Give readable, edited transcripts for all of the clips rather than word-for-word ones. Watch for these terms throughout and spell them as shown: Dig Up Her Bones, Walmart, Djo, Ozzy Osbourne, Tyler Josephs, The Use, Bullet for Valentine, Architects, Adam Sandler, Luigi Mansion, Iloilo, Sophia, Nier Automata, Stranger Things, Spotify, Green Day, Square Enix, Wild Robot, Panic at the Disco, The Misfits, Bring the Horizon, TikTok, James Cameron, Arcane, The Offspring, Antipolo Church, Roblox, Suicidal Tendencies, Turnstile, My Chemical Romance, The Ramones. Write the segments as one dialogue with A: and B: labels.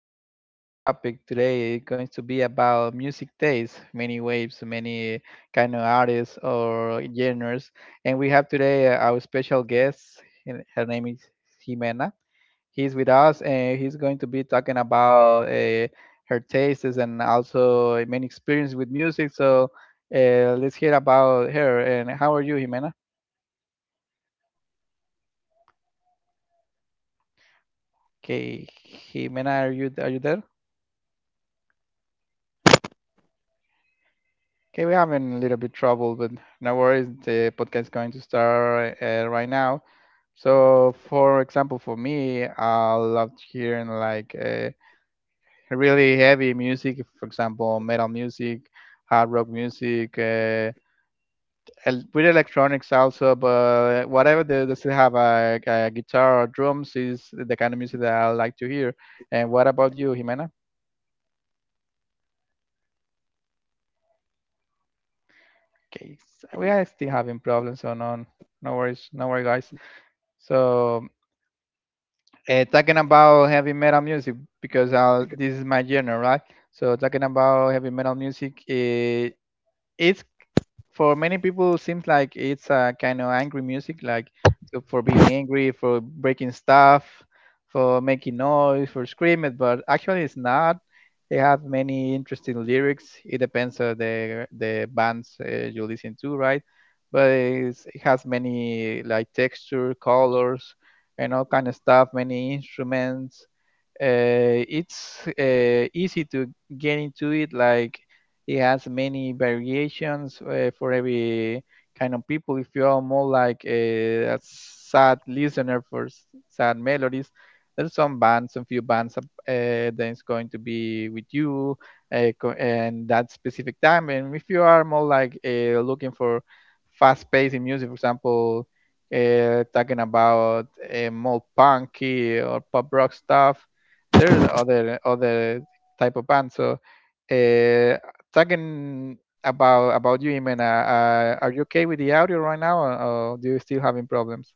A: tackle an interesting topic today. It's going to be about music taste, many waves, many kind of artists or genres. And we have today our special guest. And Her name is Jimena. He's with us, and he's going to be talking about her tastes and also many experience with music. So let's hear about her. And how are you, Jimena? Okay, Jimena, are you there? Okay, we are having a little bit trouble, but no worries. The podcast is going to start right now. So, for example, for me, I love hearing like really heavy music. For example, metal music, hard rock music, with electronics also. But whatever they still have a guitar or drums is the kind of music that I like to hear. And what about you, Jimena? Okay, we are still having problems, so no, no worries, no worries, guys. So. Talking about heavy metal music because this is my genre, right? So talking about heavy metal music, it's for many people seems like it's a kind of angry music like so for being angry, for breaking stuff, for making noise, for screaming, but actually it's not. They have many interesting lyrics. It depends on the bands you listen to, right? But it has many like texture, colors, and all kind of stuff, many instruments. It's easy to get into it. Like, it has many variations for every kind of people. If you are more like a sad listener for sad melodies, there's some bands, some few bands that's going to be with you and that specific time. And if you are more like looking for fast-paced music, for example, talking about more punky or pop rock stuff, there are other type of bands. So uh, talking about you, Jimena. Are you okay with the audio right now, or do you still having problems?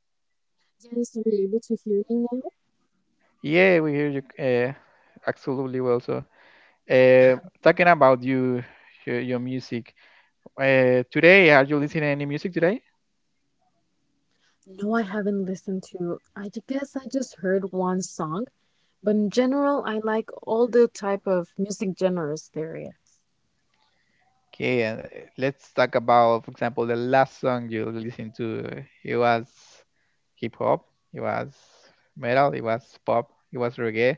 B: Yes, are you able to hear me now?
A: Yeah, we hear you absolutely well. So, uh, talking about you, your music. Today, are you listening any music today?
B: No, I haven't listened to. I guess I just heard one song, but in general, I like all the type of music genres there is.
A: Okay, and let's talk about, for example, the last song you listened to. It was hip hop, it was metal, it was pop, it was reggae.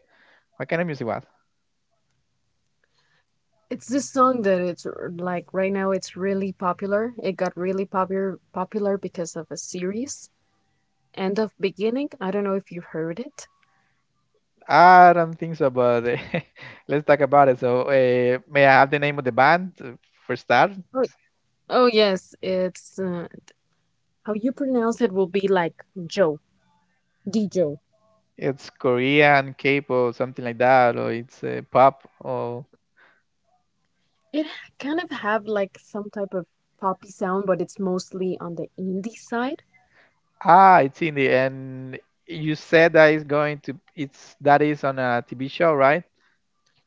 A: What kind of music was?
B: It's this song that it's like right now it's really popular. It got really popular because of a series. End of Beginning. I don't know if you heard it.
A: I don't think so, but let's talk about it. So, may I have the name of the band for start?
B: Oh, oh, yes, it's how you pronounce it will be like Joe, Djo.
A: It's Korean K-pop, something like that, or it's pop, or
B: It kind of have like some type of poppy sound, but it's mostly on the indie side.
A: Ah, it's indie, and you said that it's going to it's that is on a TV show, right?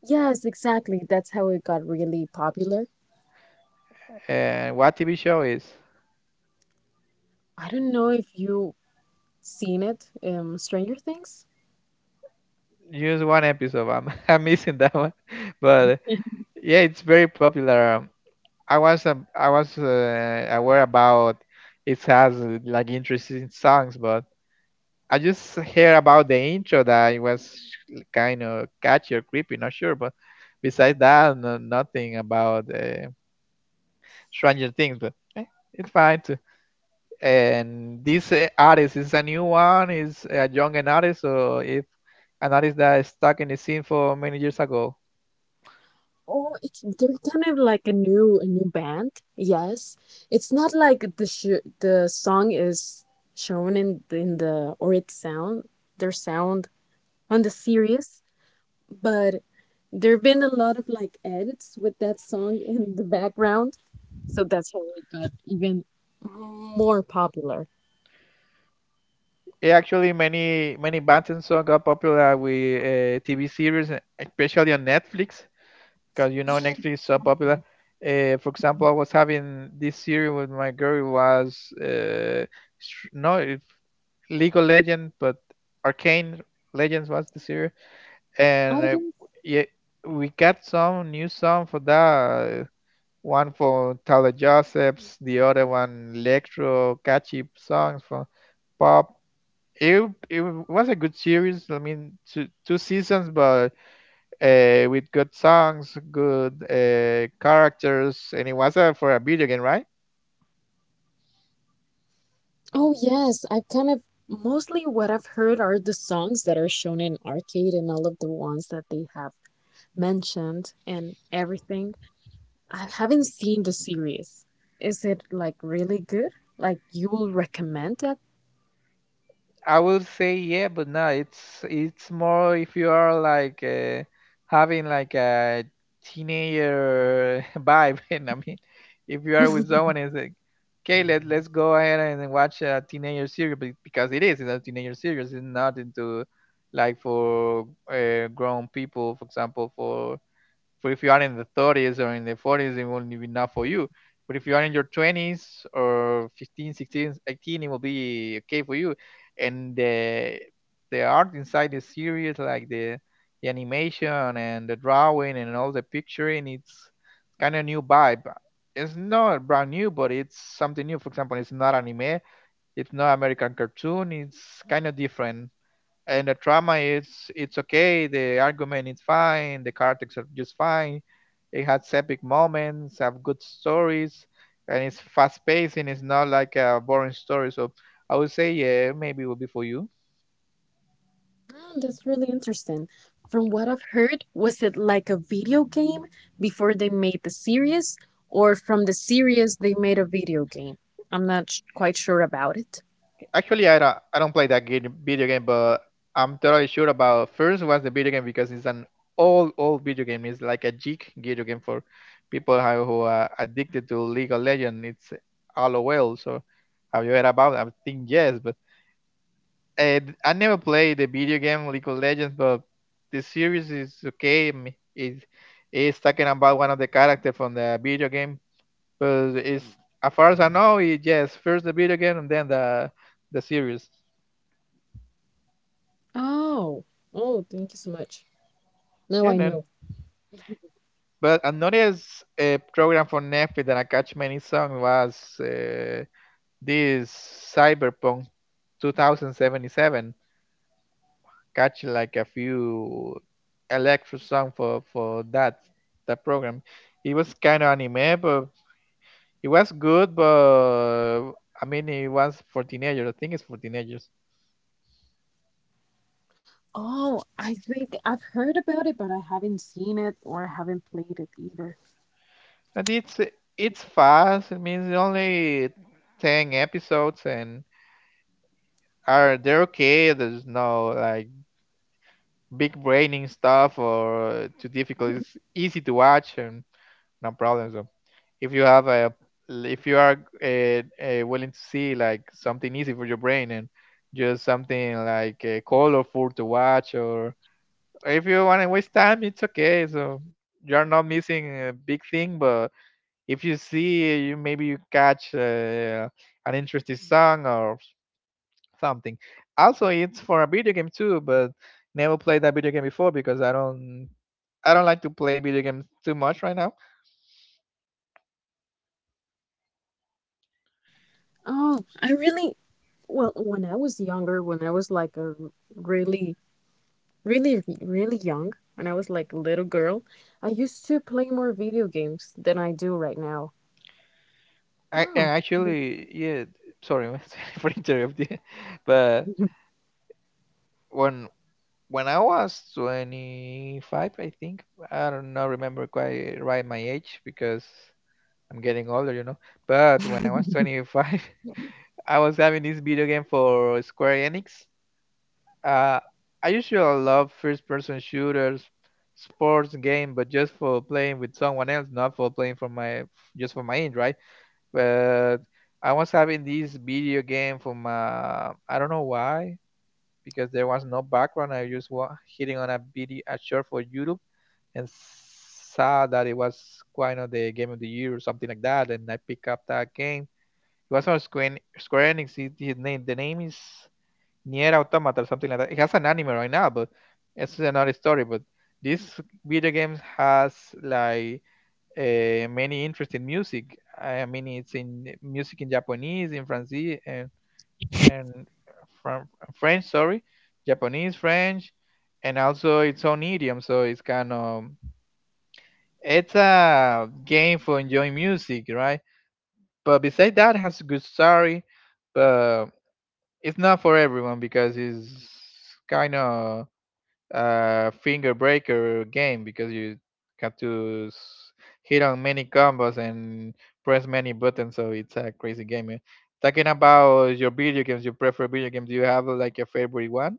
B: Yes, exactly. That's how it got really popular.
A: And what TV show is?
B: I don't know if you seen it, Stranger Things.
A: Just one episode. I'm I'm missing that one, but yeah, it's very popular. I was aware about it has like interesting songs, but I just hear about the intro that it was kind of catchy or creepy, not sure. But besides that, no, nothing about Stranger Things. But it's fine. And this artist is a new one, is a young an artist, so if an artist that is stuck in the scene for many years ago.
B: Oh, it's they're kind of like a new band. Yes, it's not like the song is shown in the, or its sound, their sound on the series. But there have been a lot of like edits with that song in the background. So that's how it got even more popular.
A: Yeah, actually many bands and so got popular with TV series especially on Netflix, because you know
B: Yeah.
A: Netflix is so popular. For example, I was having this series with my girl. It was sh- no it, League of Legends, but Arcane Legends was the series,
B: Oh,
A: and
B: yeah.
A: yeah, we got some new song for that. One for Tyler Josephs, the other one electro catchy songs from pop. It was a good series. I mean, two seasons, but with good songs, good characters, and it was for a video game, right?
B: Oh, yes. I've kind of mostly what I've heard are the songs that are shown in arcade and all of the ones that they have mentioned and everything. I haven't seen the series. Is it like really good? Like you will recommend it?
A: I would say yeah, but no, it's more if you are like having like a teenager vibe. And I mean, if you are with someone and say, "Okay, let's go ahead and watch a teenager series," because it's a teenager series, it's not into like for grown people, for example, For if you are in the 30s or in the 40s, it won't be enough for you. But if you are in your 20s or 15, 16, 18, it will be okay for you. And the art inside the series, like the animation and the drawing and all the picturing, it's kind of new vibe. It's not brand new, but it's something new. For example, it's not anime, it's not American cartoon, it's kind of different. And the trauma is it's okay. The argument is fine. The characters are just fine. It has epic moments, have good stories, and it's fast paced and it's not like a boring story. So I would say yeah, maybe it would be for you.
B: Oh, that's really interesting. From what I've heard, was it like a video game before they made the series, or from the series they made a video game? I'm not sh quite sure about it.
A: Actually, I don't play that game, video game, but I'm totally sure about first was the video game, because it's an old video game. It's like a geek video game for people who are addicted to League of Legends. It's LOL. So have you heard about it? I think yes, but I never played the video game League of Legends, but the series is okay. I mean, it is talking about one of the characters from the video game, but it's Mm. as far as I know, it just first the video game and then the series.
B: Oh, oh, thank you so much. Now
A: Yeah,
B: I
A: then,
B: know.
A: but another program for Netflix that I catch many songs was this Cyberpunk 2077. Catch like a few electro song for that the program. It was kind of anime, but it was good. But I mean, it was for teenagers. I think it's for teenagers,
B: Oh, I think I've heard about it, but I haven't seen it or I haven't played it either.
A: and it's fast. It means only 10 episodes, and are they're okay. There's no like big braining stuff or too difficult. It's easy to watch and no problems. If you have a if you are willing to see like something easy for your brain and just something like colorful to watch, or if you want to waste time, it's okay. So you're not missing a big thing, but if you see, you maybe you catch an interesting song or something. Also, it's for a video game too, but never played that video game before, because I don't like to play video games too much right now.
B: Oh, I really, well, when I was younger, when I was like really, really, really young, when I was like a little girl, I used to play more video games than I do right now.
A: I
B: Oh.
A: and actually, yeah, sorry sorry for interrupting, but when when I was 25, I think I don't know remember quite right my age because I'm getting older, you know. But when I was 25, I was having this video game for Square Enix. Uh, I usually love first-person shooters, sports game, but just for playing with someone else, not for playing for my just for my end, right? But I was having this video game for my I don't know why, because there was no background. I just was hitting on a video a short for YouTube and saw that it was quite of the game of the year or something like that. And I picked up that game. It was on Square Enix. The name is Nier Automata or something like that. It has an anime right now, but it's another story. But this video game has like many interesting music. I mean, it's in music in Japanese, in French, and and from French, sorry, Japanese, French, and also its own idiom. So it's kind of it's a game for enjoying music, right? But besides that, it has a good story, but it's not for everyone, because it's kind of finger breaker game, because you have to hit on many combos and press many buttons. So it's a crazy game. Eh. Talking about your video games, you prefer video games. Do you have like a favorite one?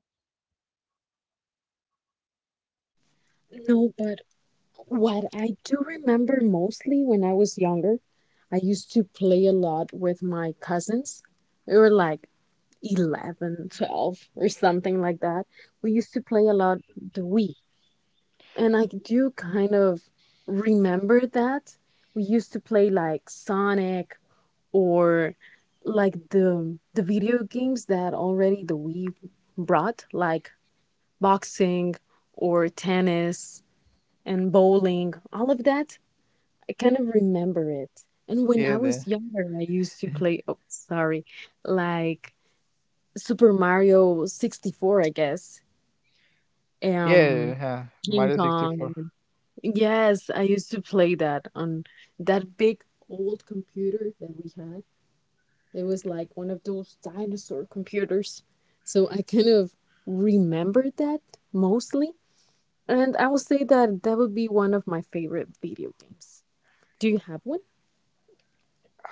B: No, but what I do remember mostly when I was younger, I used to play a lot with my cousins. We were like 11, 12, or something like that. We used to play a lot the Wii. And I do kind of remember that. We used to play like Sonic or like the video games that already the Wii brought, like boxing or tennis and bowling, all of that. I kind of remember it. And when I
A: Yeah, the
B: was younger, I used to play, oh, sorry, like Super Mario 64, I guess. um
A: yeah,
B: King
A: Mario 64.
B: Kong. Yes, I used to play that on that big old computer that we had. It was like one of those dinosaur computers. So I kind of remembered that mostly. And I would say that that would be one of my favorite video games. Do you have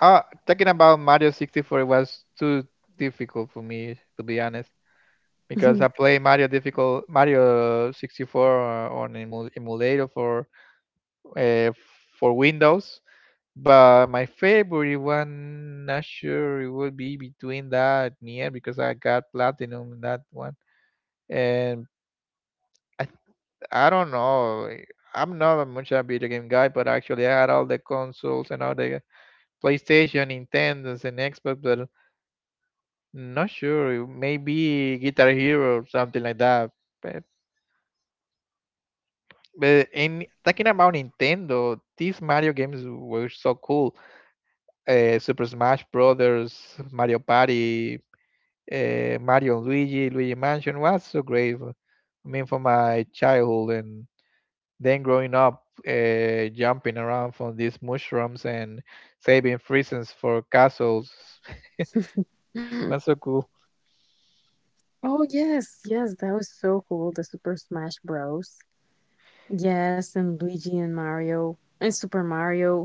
A: Talking about Mario 64, it was too difficult for me to be honest, because
B: one?
A: I play Mario difficult Mario 64 on emulator uh, for Windows. But my favorite one, not sure. It would be between that and near, because I got platinum in that one, and I th- I don't know. I'm not a much a video game guy, but actually I had all the consoles and all the PlayStation, Nintendo's, and Xbox, but not sure. Maybe Guitar Hero or something like that. But, but in talking about Nintendo, these Mario games were so cool. Super Smash Brothers, Mario Party, Mario and Luigi, Luigi Mansion was so great. I mean, for my childhood and then growing up, jumping around from these mushrooms and saving prisons for castles was so cool.
B: Oh, yes, yes, that was so cool. The Super Smash Bros. Yes, and Luigi and Mario and Super Mario.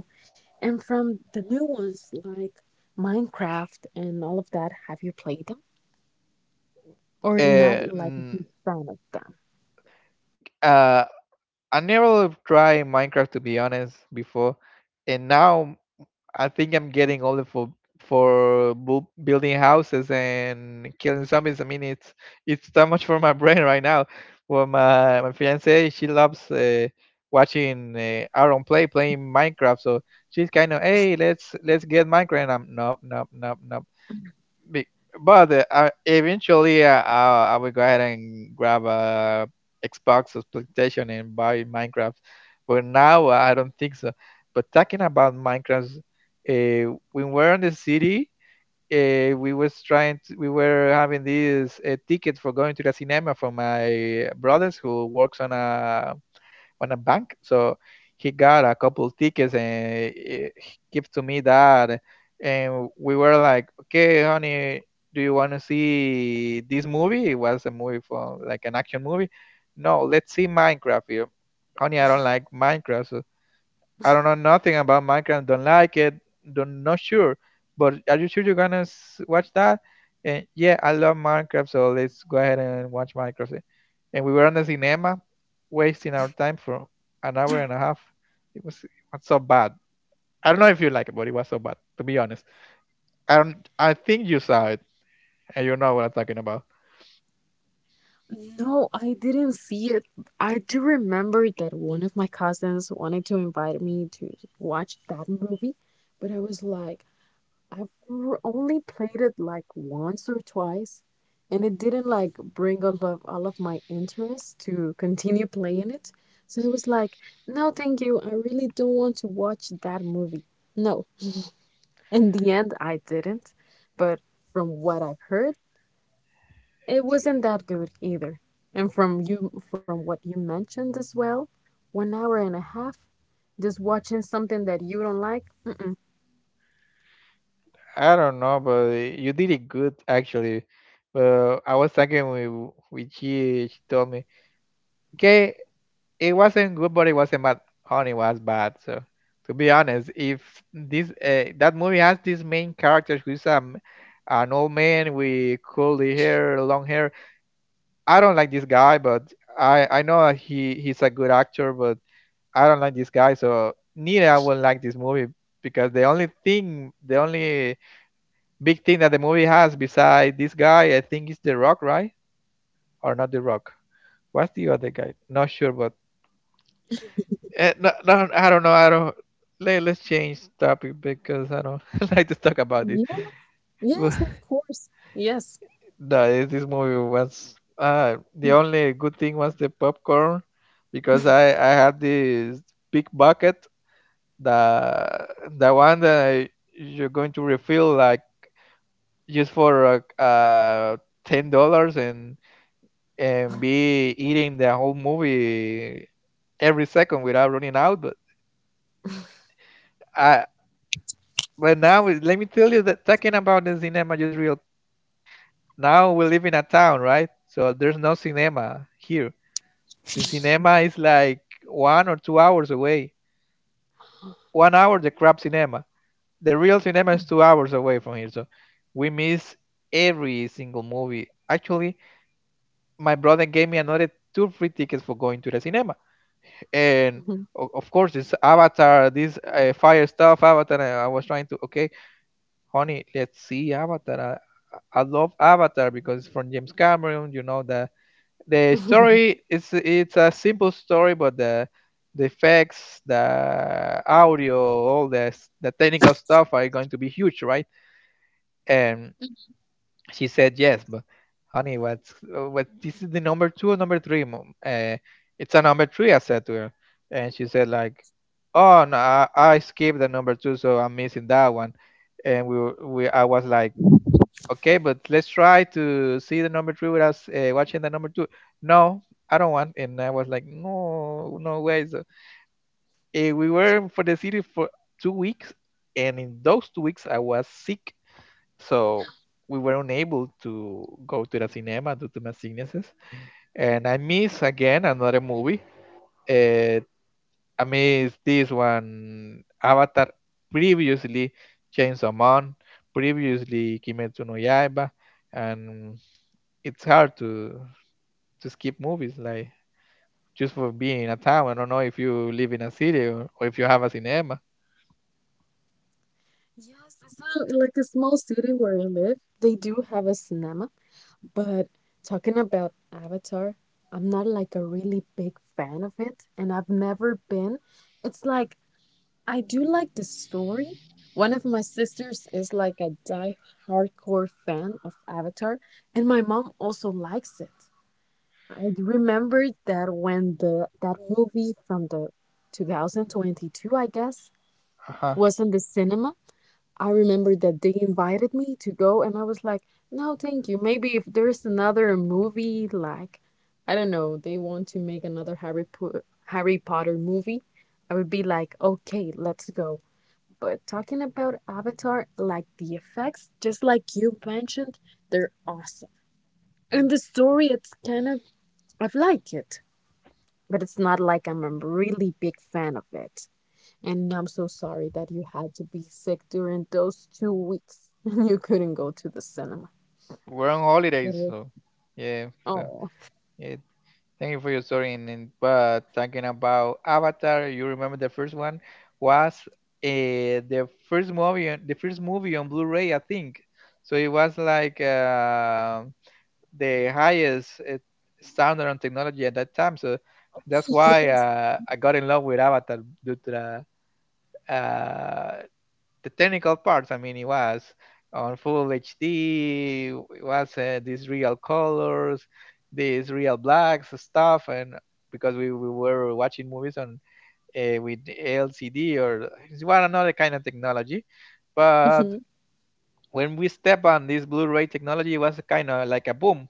B: And from the new ones like Minecraft and all of that, have you played them? Or not
A: Uh,
B: like a big
A: mm,
B: fan of them?
A: uh, I never tried Minecraft to be honest before, and now I think I'm getting older for building houses and killing zombies. I mean, it's too much for my brain right now. Well, my fiance, she loves watching Aaron playing Minecraft, so she's kind of hey, let's get Minecraft. And I'm nope, nope, nope, nope. Be- Eventually, I will go ahead and grab a Xbox or PlayStation and buy Minecraft. But now I don't think so. But talking about Minecraft, when we were in the city, we was trying to, we were having these tickets for going to the cinema for my brothers who works on a bank. So he got a couple tickets and he give to me that, and we were like, okay, honey, do you want to see this movie? It was a movie for like an action movie. No, let's see Minecraft. You, honey, I don't like Minecraft. So I don't know nothing about Minecraft. Don't like it. Don't, not sure. But are you sure you're gonna watch that? And yeah, I love Minecraft, so let's go ahead and watch Minecraft. And we were on the cinema, wasting our time for an hour and a half. It was so bad. I don't know if you like it, but it was so bad. To be honest, I don't. I think you saw it, and you know what I'm talking about.
B: No, I didn't see it. I do remember that one of my cousins wanted to invite me to watch that movie, but I was like, I've only played it like once or twice, and it didn't like bring all of my interest to continue playing it. So I was like, no, thank you. I really don't want to watch that movie. No. In the end, I didn't. But from what I've heard, it wasn't that good either. And from you, from what you mentioned as well, 1 hour and a half, just watching something that you don't like. Mm-mm.
A: I don't know, but you did it good actually. But I was talking with she. She told me, "Okay, it wasn't good, but it wasn't bad. Honey was bad. So to be honest, if this that movie has this main character who's an old man with curly hair, long hair, I don't like this guy, but I know that he's a good actor, but I don't like this guy. So neither I will like this movie because the only thing, the only big thing that the movie has beside this guy, I think is The Rock, right? Or not The Rock? What's the other guy? Not sure, but no, no, I don't know. I don't. Let's change topic because I don't like to talk about it.
B: Yes,
A: But
B: yes, of course. Yes.
A: no, this movie was the only good thing was the popcorn because I had this big bucket, the the one that you're going to refill like just for $10 and be eating the whole movie every second without running out. I But now, let me tell you that talking about the cinema just real quick. Now we live in a town, right? So there's no cinema here. The cinema is like 1 or 2 hours away. 1 hour, the crap cinema. The real cinema is 2 hours away from here. So we miss every single movie. Actually, my brother gave me another two free tickets for going to the cinema. And
B: Mhm.
A: of course, this Avatar, this fire stuff, Avatar, I was trying to, okay honey, let's see Avatar. I love Avatar because it's from James Cameron. You know the story is, it's a simple story, but the effects, the audio, all this, the technical stuff are going to be huge, right? And she said yes, but honey, what? This is the number two or number three? Mom? It's a number three, I said to her, and she said like, oh no, I skipped the number two, so I'm missing that one and we were- we I was like okay, but let's try to see the number three without watching the number two. No, I don't want. And I was like, no, no way. So we were for the city for 2 weeks, and in those 2 weeks I was sick, so we were unable to go to the cinema due to my sicknesses. And I miss again another movie. Uh, I miss this one, Avatar. Previously, Chainsaw Man. Previously, Kimetsu no Yaiba and it's hard to skip movies like just for being in a town. I don't know if you live in a city or if you have a cinema.
B: Yes, so like a small city where I live, they do have a cinema, but talking about Avatar, I'm not like a really big fan of it, and I've never been. It's like I do like the story. One of my sisters is like a die hardcore fan of Avatar, and my mom also likes it. I remember that when the that movie from the 2022, I guess,
A: Uh-huh.
B: was in the cinema. I remember that they invited me to go, and I was like, no, thank you. Maybe if there's another movie, like, I don't know, they want to make another Harry Potter movie, I would be like, okay, let's go. But talking about Avatar, like the effects, just like you mentioned, they're awesome. And the story, it's kind of, I've liked it, but it's not like I'm a really big fan of it. And I'm so sorry that you had to be sick during those 2 weeks and you couldn't go to the cinema.
A: We're on
B: That
A: holidays,
B: was,
A: so yeah. So
B: oh.
A: yeah. Thank you for your story. And but talking about Avatar, you remember the first one was the first movie, the first movie on Blu-ray, I think. So it was like. The highest standard on technology at that time. So that's why I got in love with Avatar due to the uh, the technical parts. I mean, it was on full HD. It was these real colors, these real blacks stuff, and because we were watching movies on with LCD or it's one another kind of technology,
B: Yes.
A: but
B: Mhm.
A: when we step on this Blu-ray technology, it was kind of like a boom.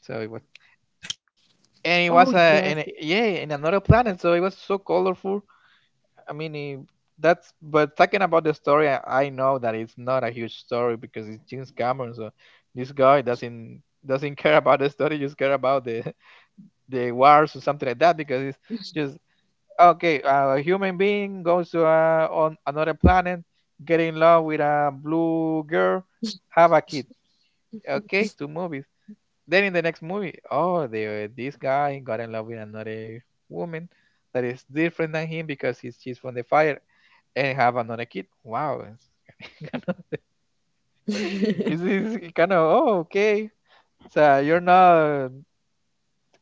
A: So it was
B: Oh,
A: and it was
B: yes.
A: a in a, yeah in another planet so it was so colorful, I mean it, that's but talking about the story, I know that it's not a huge story because it's James Cameron, so this guy doesn't care about the story, just care about the the wars or something like that because it's just okay a human being goes to on another planet, get in love with a blue girl, have a kid, okay, two movies, then in the next movie, oh, the this guy got in love with another woman that is different than him because he's she's from the fire and have another kid. Wow, it's kind of oh okay. So you're not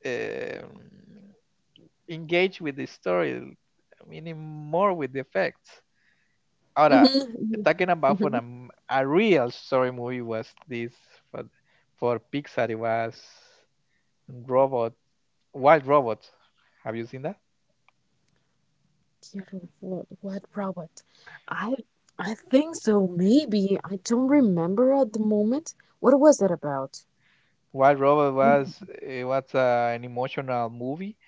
A: um, engaged with the story anymore with the effects. Ahora,
B: Mhm.
A: talking about for a,
B: Mhm.
A: a real story movie was this for, for Pixar. It was Robot Wild Robot. Have you seen that?
B: Quiero what robot? I I think so, maybe. I don't remember at the moment. What was that about?
A: While Robot was it was an emotional movie,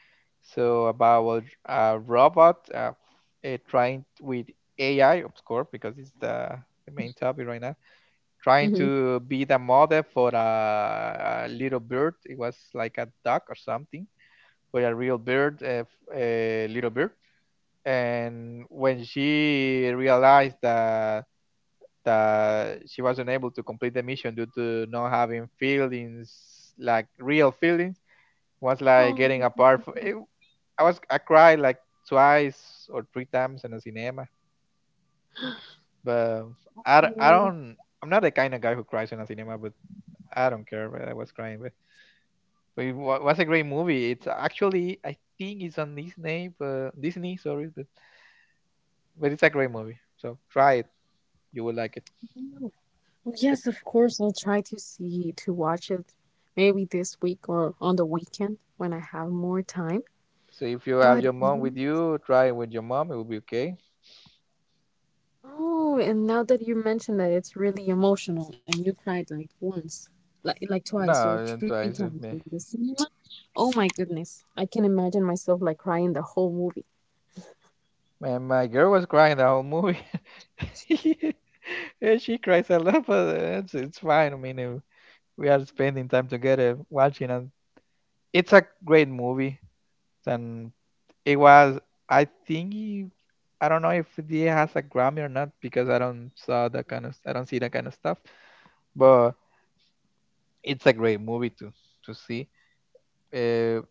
A: so about a robot trying with AI, of course, because it's the main topic right now, trying
B: Mm-hmm.
A: to be the model for a little bird. It was like a duck or something, but a real bird, a little bird. And when she realized that she wasn't able to complete the mission due to not having feelings, like real feelings, was like getting apart. For, it, I was I cried like twice or three times in a cinema, but I
B: Oh.
A: don't, I'm not the kind of guy who cries in a cinema, but I don't care. But I was crying, but was a great movie. It's actually I think it's on Disney, but Disney sorry, but it's a great movie. So try it, you will like it.
B: Well,
A: Yep.
B: yes, of course. I'll try to see to watch it maybe this week or on the weekend when I have more time.
A: So if you have
B: But
A: your mom with
B: you-
A: you, try it with your mom. It will be okay.
B: oh, and now that you mentioned that it's really emotional and you cried like once, like twice or
A: No,
B: three
A: don't try
B: times in the
A: it.
B: cinema. Oh my goodness. I can imagine myself like crying the whole movie.
A: Man, my girl was crying the whole movie. Yeah, she cries a lot, but it's fine. I mean, we are spending time together watching, and it's a great movie. And it was, I think, I don't know if it has a Grammy or not because I don't saw that kind of, I don't see that kind of stuff. But it's a great movie to see. Uh,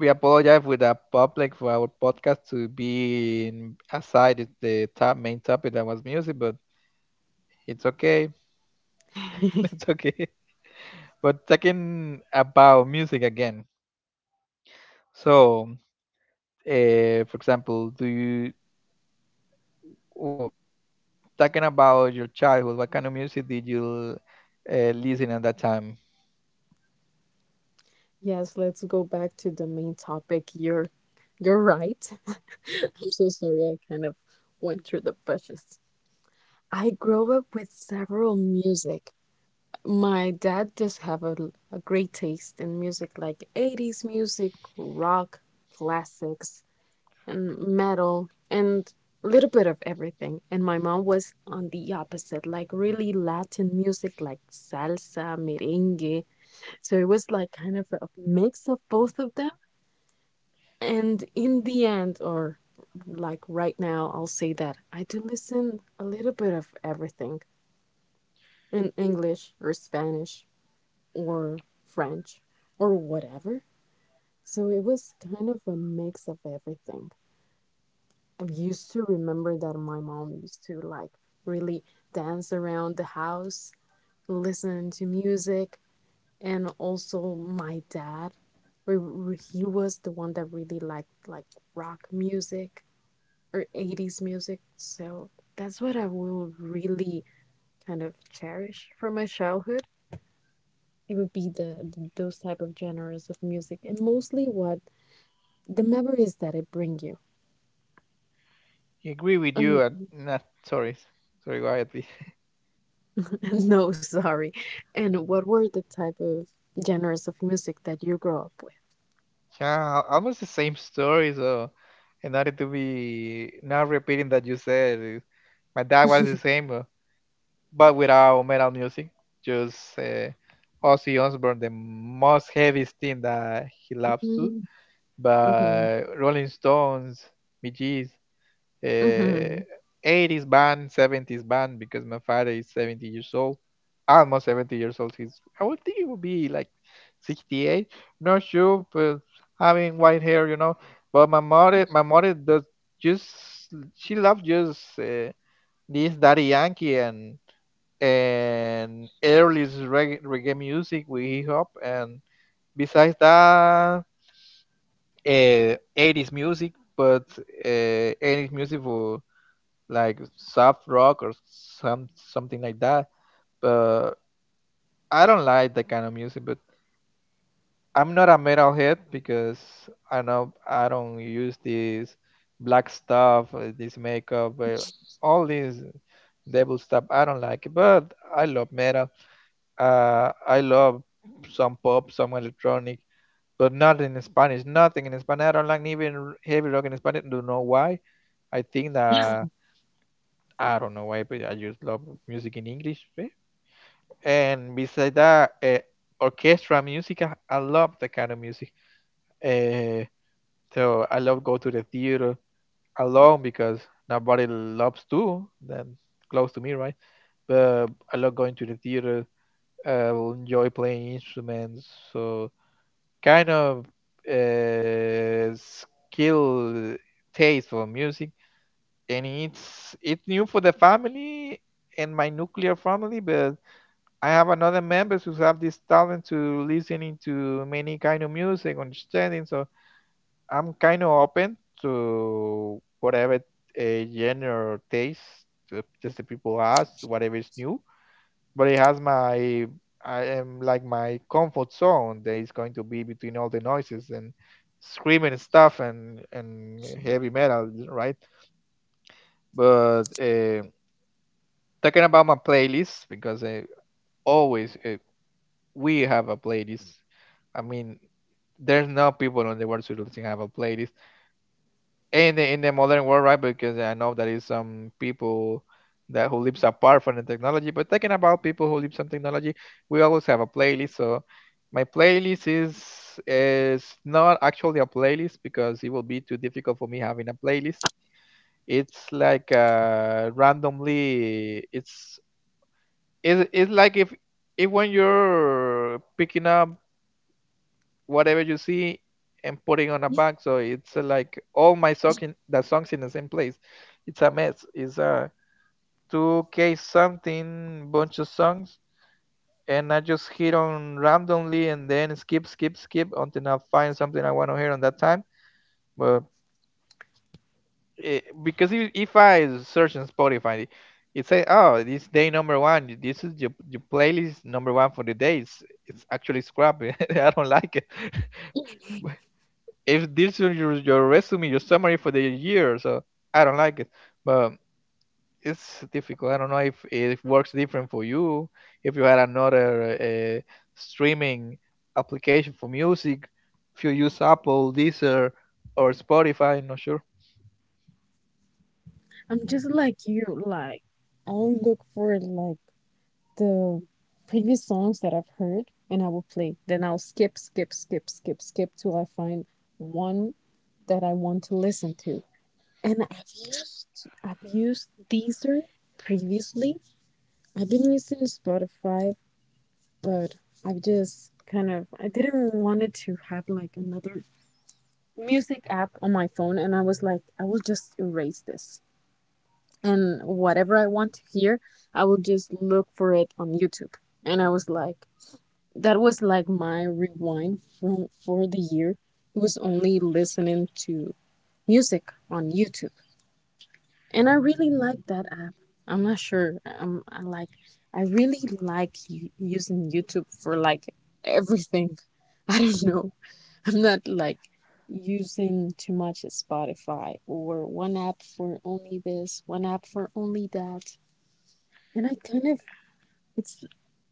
A: we apologize with the public for our podcast to be aside the top main topic that was music, but it's okay. It's okay. But talking about music again. So, for example, do you w- talking about your childhood? What kind of music did you listen at that time?
B: Yes, let's go back to the main topic. You're right. I'm so sorry I kind of went through the bushes. I grew up with several music. My dad does have a great taste in music like 80s music, rock, classics, and metal, and a little bit of everything. And my mom was on the opposite, like really Latin music like salsa, merengue. So it was like kind of a mix of both of them. And in the end, or like right now, I'll say that I do listen a little bit of everything, in English or Spanish or French or whatever. So it was kind of a mix of everything. I used to remember that my mom used to like really dance around the house, listen to music, and also my dad. He was the one that really liked like rock music or 80s music. So that's what I will really kind of cherish from my childhood. It would be the, those type of genres of music, and mostly what the memories that it bring you,
A: I agree with you.
B: and
A: At, nah, sorry, sorry, quietly.
B: no, sorry, and what were the type of genres of music that you grew up
A: Yeah, almost the same story. So, in order to be not repeating that you said, my dad
B: with?
A: was the same, but without metal music. Just Ozzy Osbourne, the most heaviest thing that he loves to.
B: Mm-hmm,
A: But Rolling Stones, Bee Gees, uh,
B: mm-hmm.
A: 80s band, 70s band, because my father is 70 years old, almost 70 years old. He's, I would think it would be like 68. Not sure, but having white hair, you know. But my mother does just, she loves just this Daddy Yankee and early reggae, reggae music with hip hop, and besides that, 80s music, but 80s music for like soft rock or some something like that. But I don't like that kind of music. But I'm not a metalhead because I know I don't use this black stuff, this makeup, all this devil stuff. I don't like it, but I love metal. I love some pop, some electronic, but not in Spanish. Nothing in Spanish. I don't like even heavy rock in Spanish. Don't know why. I think that I don't know why, but I just love music in English. Eh. And besides that, orchestra music. I love that kind of music. Uh, so I love go to the theater alone because nobody loves to. Then close to me, right? But I love going to the theater. I will enjoy playing instruments. So kind of skill taste for music, and it's new for the family and my nuclear family, but I have another members who have this talent to listening to many kind of music understanding, so I'm kind of open to whatever genre or taste that the people ask whatever is new, but it has my I am like my comfort zone that is going to be between all the noises and screaming stuff and heavy metal, right? But talking about my playlist because I always we have a playlist. I mean, there's no people on the world who doesn't have a playlist in the modern world, right? Because I know there is some people that who lives apart from the technology. But talking about people who live some technology, we always have a playlist. So my playlist is not actually a playlist because it will be too difficult for me having a playlist. It's like randomly. It's like if when you're picking up whatever you see and putting on a bag. So it's like all my socks in the songs in the same place. It's a mess. It's a 2K something bunch of songs, and I just hit on randomly and then skip, skip, skip until I find something I want to hear on that time. But because if I search on Spotify, it says, "Oh, this day number one. This is your playlist number one for the day." It's actually scrap. I don't like it. If this is your resume, your summary for the year, so I don't like it. But it's difficult. I don't know if it works different for you. If you had another streaming application for music, if you use Apple, Deezer, or Spotify, I'm not sure.
B: I'm just like you. Like, I'll look for like the previous songs that I've heard, and I will play, then I'll skip, skip, skip, skip, skip till I find one that I want to listen to. And I've used Deezer previously. I've been using Spotify, but I've just kind of I didn't want it to have like another music app on my phone, and I was like, I will just erase this. And whatever I want to hear, I will just look for it on YouTube. And I was like, that was like my rewind from for the year. It was only listening to music on YouTube. And I really like that app. I'm not sure. Um, I like. I really like using YouTube for like everything. I don't know. I'm not like using too much Spotify or one app for only this, one app for only that. And I kind of it's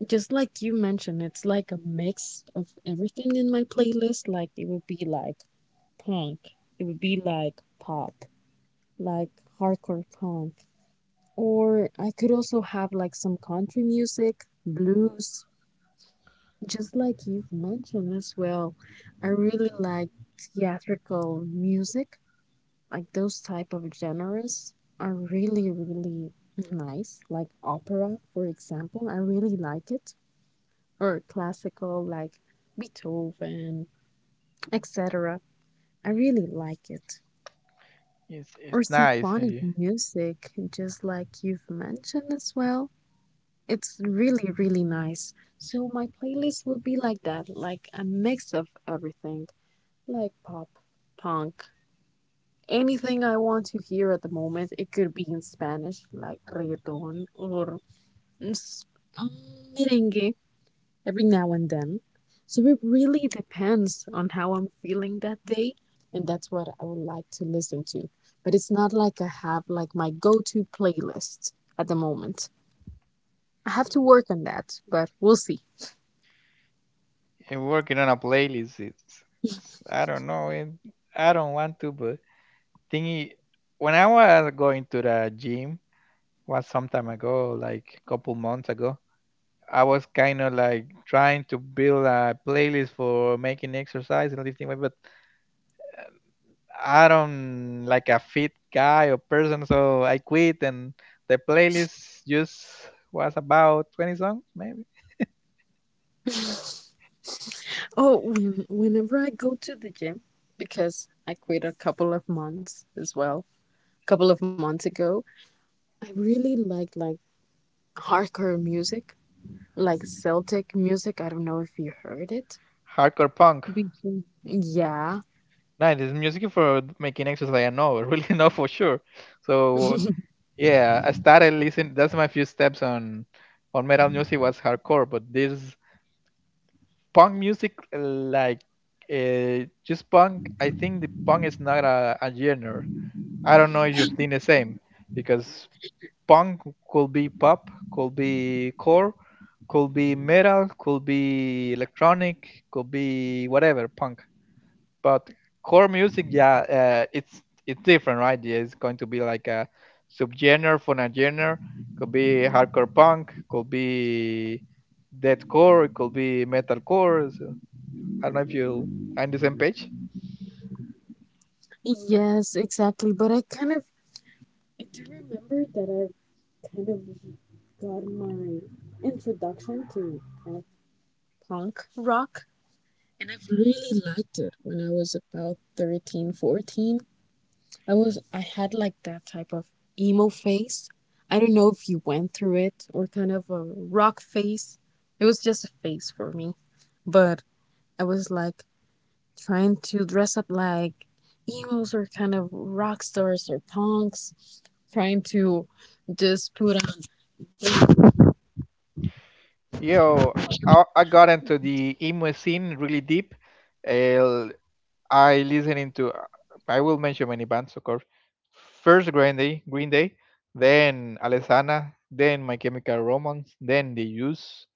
B: just like you mentioned. It's like a mix of everything in my playlist. Like, it would be like punk. It would be like pop, like hardcore punk, or I could also have like some country music, blues, just like you've mentioned as well. I really like theatrical music, like those type of genres are really, really nice, like opera, for example. I really like it, or classical, like Beethoven, etc. I really like it.
A: It's
B: Or
A: nice. eh,
B: symphonic
A: yeah.
B: music, just like you've mentioned as well. It's really, really nice. So my playlist will be like that, like a mix of everything, like pop, punk, anything I want to hear at the moment. It could be in Spanish, like reggaeton or mm, s- um, merengue every now and then. So it really depends on how I'm feeling that day, and that's what I would like to listen to. But it's not like I have like my go-to playlist at the moment. I have to work on that, but we'll see.
A: And working on a playlist it's I don't know, and I don't want to, but thingy. When I was going to the gym was some time ago, like a couple months ago, I was kind of like trying to build a playlist for making exercise and lifting weight, but I don't like a fit guy or person, so I quit. And the playlist just was about 20 songs maybe.
B: Oh, whenever I go to the gym, because I quit a couple of months as well, a couple of months ago, I really like hardcore music, like Celtic music. I don't know if you heard it.
A: Hardcore punk.
B: Yeah.
A: Nice. This is music for making exercise. I know, really know for sure. So yeah, I started listening. That's my few steps on metal music was hardcore, but this punk music, like just punk. I think the punk is not a genre. I don't know if you think the same, because punk, could be pop, could be core, could be metal, could be electronic, could be whatever punk. But core music, yeah, it's different, right? Yeah, it's going to be like a subgenre for a genre. Could be hardcore punk, could be deathcore, it could be metalcore. So I don't know if you are on the same page.
B: Yes, exactly. But I kind of I do remember that I kind of got my introduction to kind of punk rock, and I've really liked it when I was about 13, 14. I had like that type of emo face. I don't know if you went through it or kind of a rock face. It was just a face for me. But I was like trying to dress up like emos or kind of rock stars or punks, trying to just put on.
A: Yo, I got into the emo scene really deep. Uh, I listening to I will mention many bands, of course. First Green Day, Green Day, then Alessana, then My Chemical Romance, then The Use.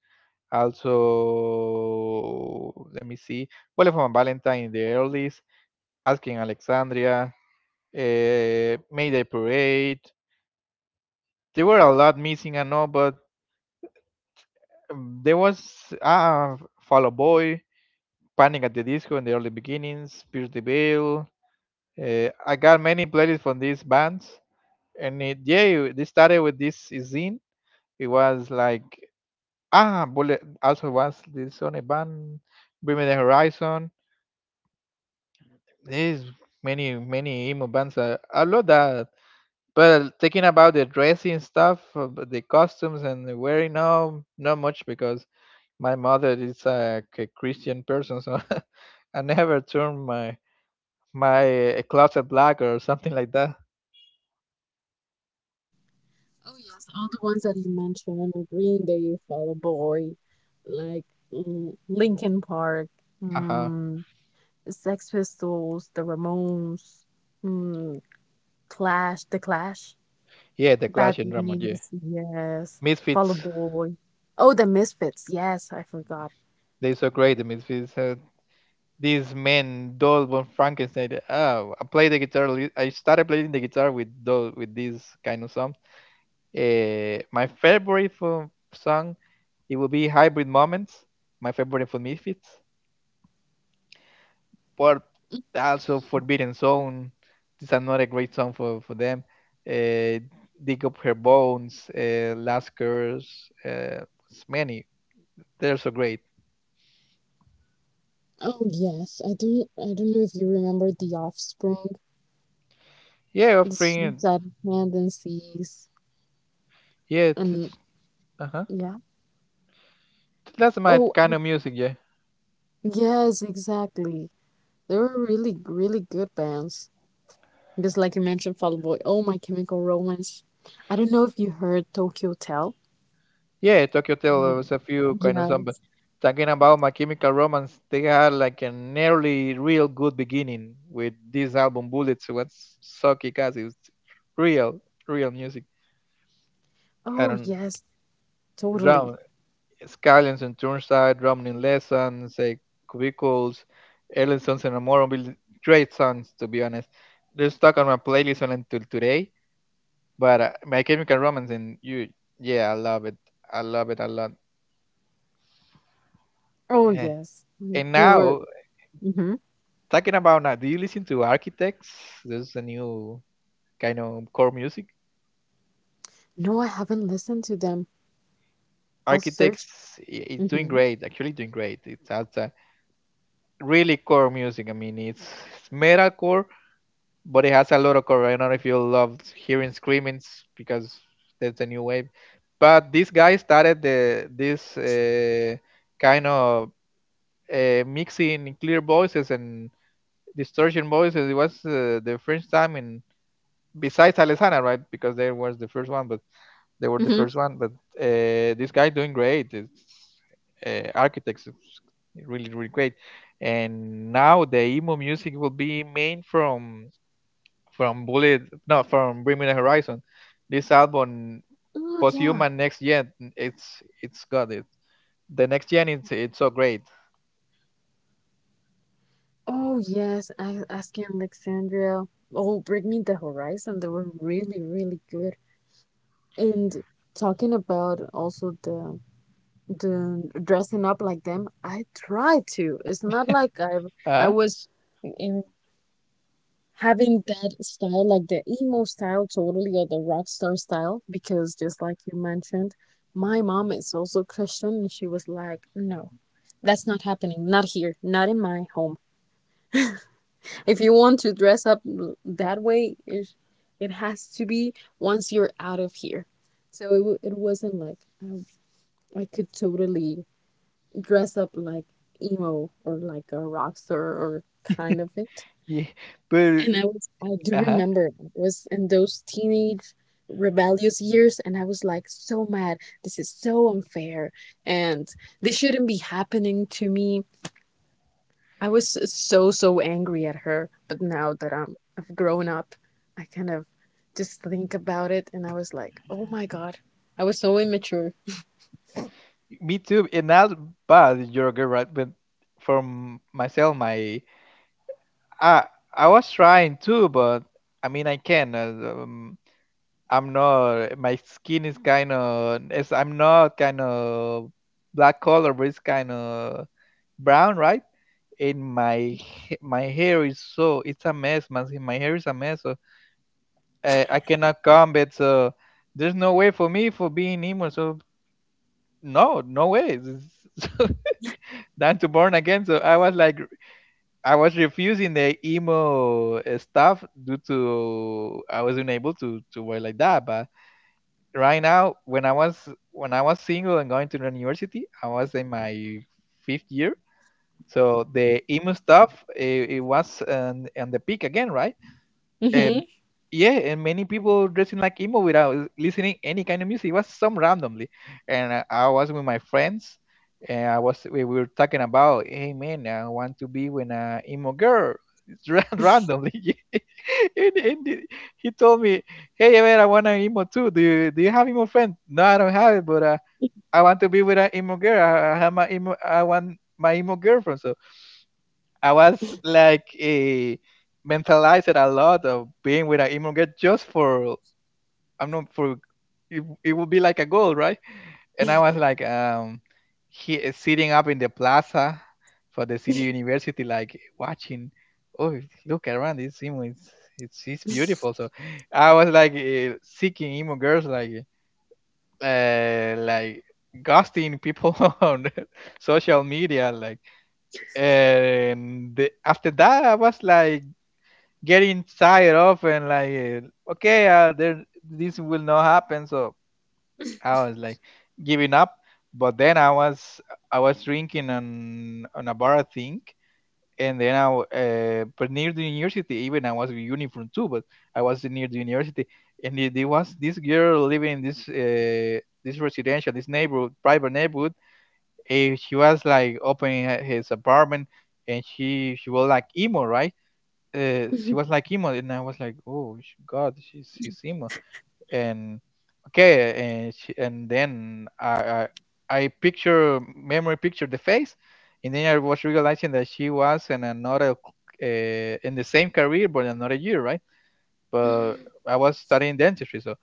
A: Also, let me see. Bullet from Valentine in the earlies, Asking Alexandria, Mayday Parade. There were a lot missing, I know, but there was Fall Out Boy, Panic at the Disco in the early beginnings, Pierce the Veil. I got many playlists from these bands, and they started with this zine. It was like ah bullet, also was this sonic band, bringing the horizon. There's many many emo bands. I love that, but thinking about the dressing stuff, but the costumes and the wearing, no, not much because my mother is like a Christian person, so I never turned my closet black or something like that.
B: Oh yes, all the ones that you mentioned, Green Day, Fall Out Boy, like Linkin Park,
A: Uh-huh.
B: mm, Sex Pistols, The Ramones, mm, The Clash,
A: Yeah, the
B: Bad
A: Clash and Ramon, yeah,
B: Brains, yes, Fall Out
A: Misfits,
B: Boy. Oh, The Misfits, yes, I forgot.
A: they're so great, the Misfits. These men, Doll von Frankenstein. Oh, I play the guitar. I started playing the guitar with these kind of songs. My favorite from song, it will be Hybrid Moments. My favorite for Misfits, but also Forbidden Zone. This is another great song for them. Uh, Dig Up Her Bones, Last Curse, uh, it's many. They're so great.
B: Oh yes, I don't know if you remember The Offspring,
A: Yeah,
B: The
A: offering.
B: Suicidal Tendencies,
A: Yeah, it's,
B: and
A: uh huh.
B: yeah.
A: That's my
B: Oh
A: kind of music. Yeah.
B: yes, exactly. They were really, really good bands. Because, like you mentioned, Fall Out Boy. Oh, My Chemical Romance. I don't know if you heard Tokyo Hotel.
A: Yeah, Tokyo Hotel
B: Mm,
A: was a few kind of some, but
B: Yes.
A: talking about My Chemical Romance, they had like a nearly real good beginning with this album Bullets. It was so kick-ass. It was real, real music. I
B: Oh,
A: don't
B: yes. Totally.
A: drum Skylands and Turnstile, Drumming in Lessons, like Cubicles, Ellison's and Amorable. Great songs, to be honest. They're stuck on my playlist until today. But My Chemical Romance and you, yeah, I love it. I love it a lot.
B: Oh,
A: Yeah.
B: yes.
A: And
B: They were.
A: now
B: hmm
A: Talking about now, do you listen to Architects? There's a new kind of core music.
B: No, I haven't listened to them. I'll search.
A: Architects is doing
B: hmm
A: great, actually doing great. It's has a really core music. I mean, it's metalcore, but it has a lot of core. I don't know if you love hearing screamings because there's a new wave. But this guy started the this kind of mixing clear voices and distortion voices. It was the first time in besides Alessandra, right? Because there was the first one, but they were the
B: hmm
A: first one, but this guy doing great. It's Architects, it's really really great. And now the emo music will be main from Bullet, no, from Bringing the Horizon. This album,
B: Oh, yeah.
A: Posthuman Next Gen, it's got it. The Next Gen, it's so great.
B: Oh, yes. I Asking Alexandria. Oh, Bring Me the Horizon. They were really, really good. And talking about also the dressing up like them. I try to. It's not like I
A: Uh
B: was in having that style, like the emo style, totally, or the rock star style, because just like you mentioned, my mom is also Christian, and she was like, "No, that's not happening. Not here. Not in my home." "If you want to dress up that way, it has to be once you're out of here." So it wasn't like I could totally dress up like emo or like a rock star or kind of it.
A: yeah, but
B: And I do
A: uh
B: remember it was in those teenage rebellious years, and I was like so mad. This is so unfair, and this shouldn't be happening to me. I was so so angry at her. But now that I've grown up, I kind of just think about it, and I was like, oh my God, I was so immature.
A: me too. And not bad, you're good, right? But from myself, my I I was trying too, but I mean I can. Um, I'm not. My skin is kind of. It's I'm not kind of black color, but it's kind of brown, right? And my hair is so it's a mess, man. See, my hair is a mess. So I cannot comb it. So there's no way for me for being emo. So no, no way. Time to burn again. So I was refusing the emo stuff due to I was not able to work like that. But right now, when I was single and going to the university, I was in my fifth year. So the emo stuff it was on the peak again, right? Uh,
B: Hmm.
A: yeah, and many people dressing like emo without listening any kind of music. It was some randomly, and I was with my friends, and I was we were talking about, hey man, I want to be with an emo girl. Randomly, and he told me, hey man, I want an emo too. Do you have emo friends? No, I don't have it, but I want to be with an emo girl. I have my emo. I want my emo girlfriend. So I was like mentalized a lot of being with an immigrant just for I'm not for it would be like a goal, right? And I was like he is sitting up in the plaza for the city university, like watching. Oh, look around! This image, it's beautiful. So, I was like seeking emo girls, like ghosting people on social media, after that I was like getting tired of, and like okay, there this will not happen, so I was like giving up. But then I was drinking on a bar, I think. And then but near the university, even I was in uniform too, but I was near the university, and there was this girl living in this residential, this neighborhood, private neighborhood, she was like opening his apartment, and she was like emo, right. She was like emo, and I was like, oh god, she's emo. And okay. And then I picture memory picture the face. And then I was realizing that she was uh, in the same career but another year, right. But I was studying dentistry, so.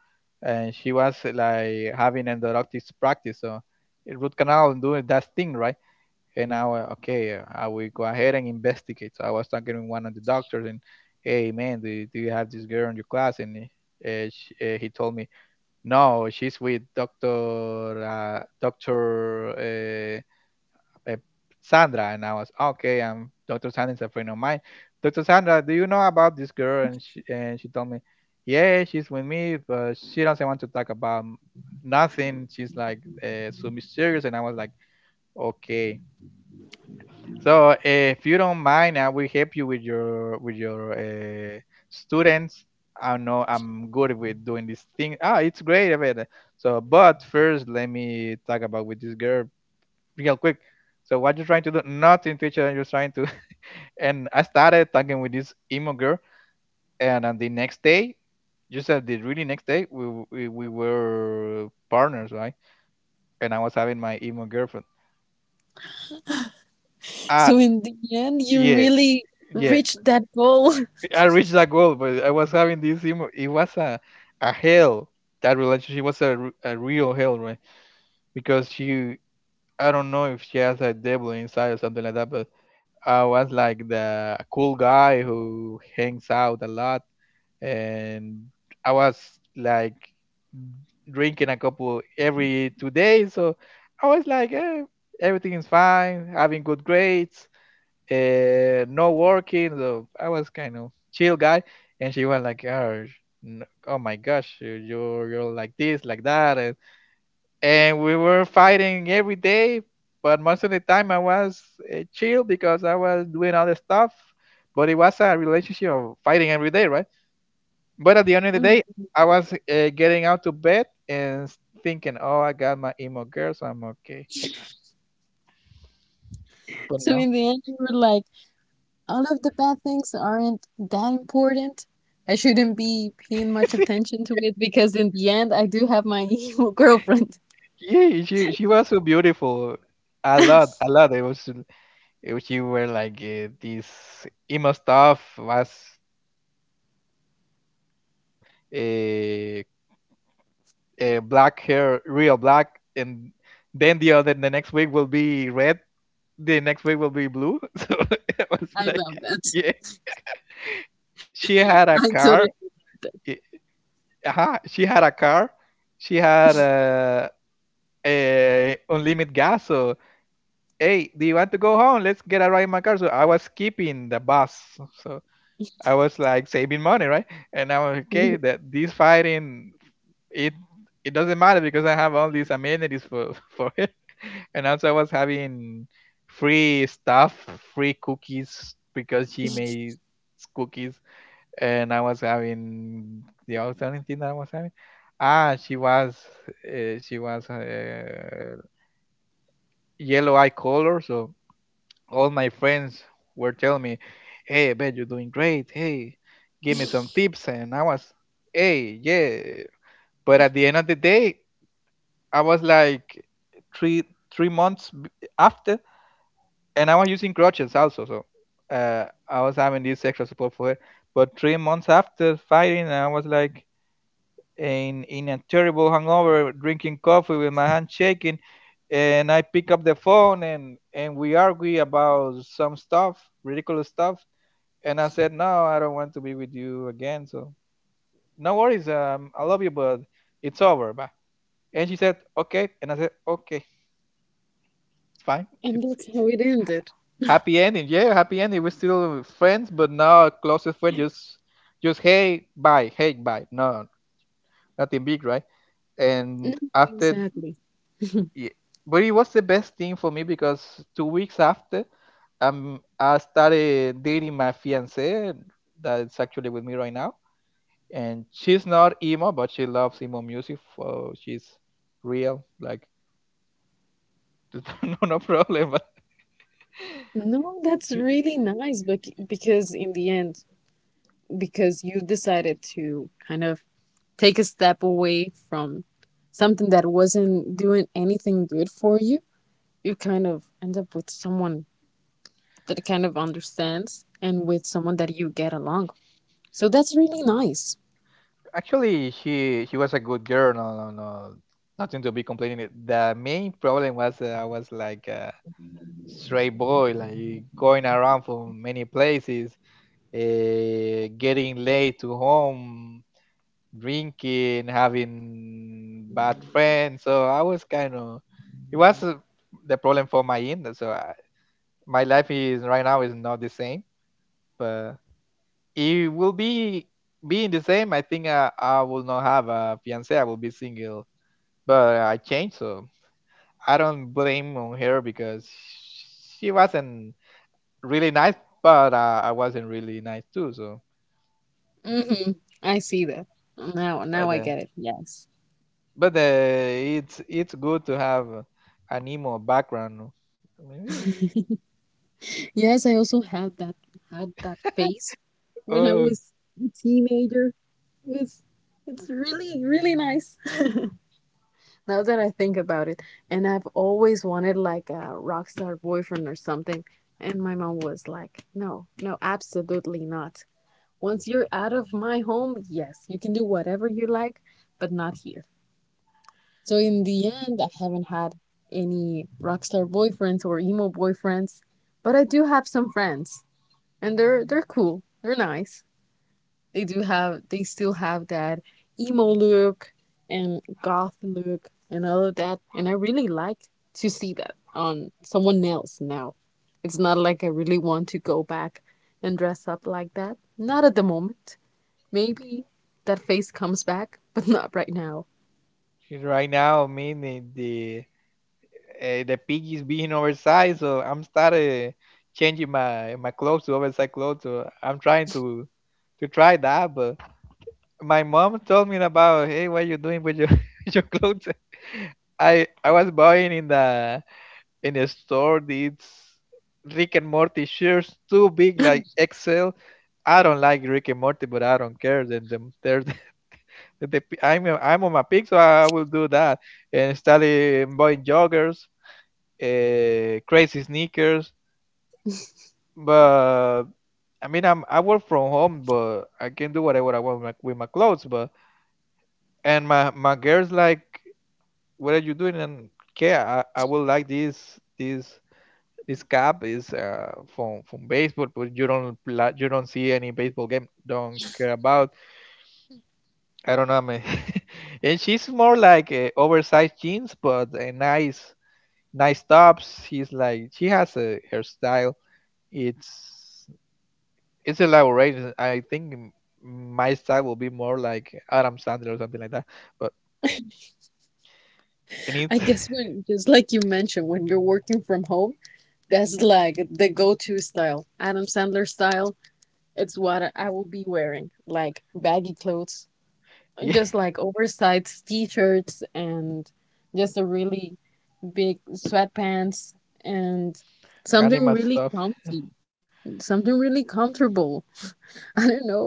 A: And she was like having endodontics practice, so root canal and doing that thing, right. And okay, I will go ahead and investigate. So I was talking to one of the doctors, and hey, man, do you have this girl in your class? And he told me, no, she's with Doctor uh, uh, Sandra. And I was okay. I'm Doctor Sandra is a friend of mine. Doctor Sandra, do you know about this girl? And she told me, yeah, she's with me, but she doesn't want to talk about nothing. She's like so mysterious, and I was like, okay. So if you don't mind, I will help you with your students. I know I'm good with doing this thing. Ah, it's great, Aveda. So, but first, let me talk about with this girl real quick. So, what you're trying to do? Nothing, teacher. You're trying to. And I started talking with this emo girl, and on the next day, just said the really next day, we were partners, right? And I was having my emo girlfriend. Ah,
B: So in the end, you
A: yeah,
B: really
A: yeah.
B: reached that goal.
A: I reached that goal, but I was having this. It was a hell. That relationship was a real hell, right? Because she, I don't know if she has a devil inside or something like that, but I was like the cool guy who hangs out a lot, and I was like drinking a couple every 2 days. So I was like, everything is fine, having good grades, no working. So I was kind of chill guy, and she was like, "Oh, oh my gosh, you're like this, like that," and we were fighting every day. But most of the time, I was chill because I was doing other stuff. But it was a relationship of fighting every day, right? But at the end of the day,
B: Mm.
A: I was getting out to bed and thinking, "Oh, I got my emo girl, so I'm okay." But
B: So
A: no.
B: in the end, you were like, all of the bad things aren't that important. I shouldn't be paying much attention to it because in the end, I do have my evil girlfriend.
A: Yeah, she was so beautiful. A
B: I
A: lot, a lot. She were like this emo stuff was thin, small, uh, black hair, real black, and then the next week will be red. The next week will be blue. So it was like
B: love that.
A: yeah, she
B: I
A: had a
B: totally
A: car. eh, Uh-huh, she had a car. She had a unlimited gas. So hey, do you want to go home? Let's get a ride in my car. So I was skipping the bus. So I was like saving money, right? And I was
B: agree.
A: okay that this fighting, it it doesn't matter because I have all these amenities for for it. And also I was having free stuff, free cookies because she made cookies, and I was having the other thing that I was having. Ah, she was yellow eye color, so all my friends were telling me, "Hey, I bet you're doing great. Hey, give me some tips." And I was, "Hey, yeah." But at the end of the day, I was like three three months after, and I was using crutches also. So I was having this extra support for it. But 3 months after fighting, I was like, in a terrible hangover, drinking coffee with my hand shaking, and I pick up the phone and we argue about some stuff, ridiculous stuff. And I said, no, I don't want to be with you again. So no worries, I love you, but it's over. Bye. And she said, okay. And I said, okay, it's fine.
B: And
A: It's
B: that's how it ended.
A: happy ending. Yeah, happy ending. We're still friends, but now a closest friend just hey bye, hey bye. No, nothing big, right?
B: No,
A: And after
B: exactly.
A: yeah. But it was the best thing for me because 2 weeks after, I started dating my fiance that's actually with me right now, and she's not emo, but she loves emo music. For she's real, like no no problem. But
B: No, that's really nice, but because in the end, because you decided to kind of take a step away from something that wasn't doing anything good for you. You kind of end up with someone that kind of understands and with someone that you get along. So that's really nice.
A: actually, she was a good girl. No, no, no, nothing to be complaining. It. The main problem was that I was like a stray boy, like going around for many places, getting late to home, drinking, having bad friends. So I was kind of, it was the problem for my end. So my life is right now is not the same, but it will be being the same. I think I will not have a fiance. I will be single. But I changed, so I don't blame on her because she wasn't really nice, but I wasn't really nice too.
B: Mm-hmm. I see that. Now
A: But
B: I
A: uh,
B: get it. Yes.
A: But it's good to have an emo background. No? Maybe-
B: Yes, I also had that phase when I
A: Oh,
B: was a teenager. It's it's really really nice. Now that I think about it, and I've always wanted like a rock star boyfriend or something. And my mom was like, "No, no, absolutely not. Once you're out of my home, yes, you can do whatever you like, but not here." So in the end, I haven't had any rock star boyfriends or emo boyfriends, but I do have some friends, and they're cool. They're nice, they still have that emo look and goth look and all of that. And I really like to see that on someone else. Now it's not like I really want to go back and dress up like that, not at the moment. Maybe that face comes back but not right now.
A: right now, I mean the pig is being oversized, so I'm started changing my clothes to oversized clothes. So I'm trying to try that, but my mom told me about, hey, what you doing with your with your clothes? I was buying in a store, it's Rick and Morty shirts too big like Excel. I don't like Rick and Morty, but I don't care. Then the p- I'm a- I'm on my peak, so I will do that. And started buying joggers, crazy sneakers. But I mean, I work from home, but I can do whatever I want with my clothes. But and my girls like, what are you doing? And okay, I will like this cap is from baseball, but you don't see any baseball game. Don't care about. I don't know, man. And she's more like oversized jeans, but a nice nice tops. She's like she has a her style. It's it's elaborated. I think my style will be more like Adam Sandler or something like that. But and
B: I
A: it's
B: guess when, just like you mentioned, when you're working from home, that's like the go-to style. Adam Sandler style. It's what I will be wearing, like baggy clothes,
A: yeah,
B: just like oversized t-shirts and just a really big sweatpants, and something
A: animal
B: really
A: stuff.
B: comfy, something really comfortable. I don't know.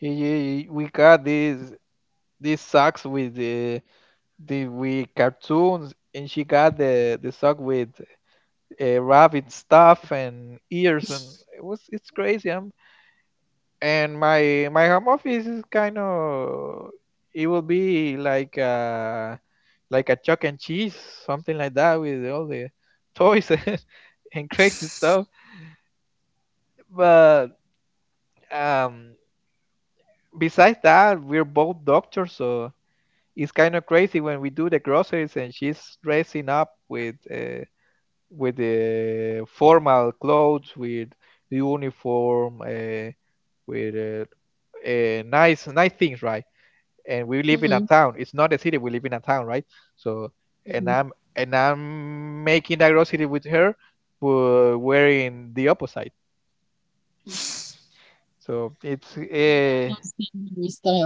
A: Yeah, yeah, yeah, we got these socks with the with cartoons, and she got the sock with rabbit stuff and ears, and it's crazy, and my home office is kind of, it will be like a chuck and cheese something like that with all the toys and crazy stuff, but um besides that, we're both doctors, so it's kind of crazy when we do the groceries, and she's dressing up with the formal clothes, with uniform, with nice nice things, right? And we live in
B: Hmm,
A: a town. It's not a city. We live in a town, right? So
B: hmm.
A: and I'm making diversity with her, but wearing the opposite. So it's
B: The adult standard style.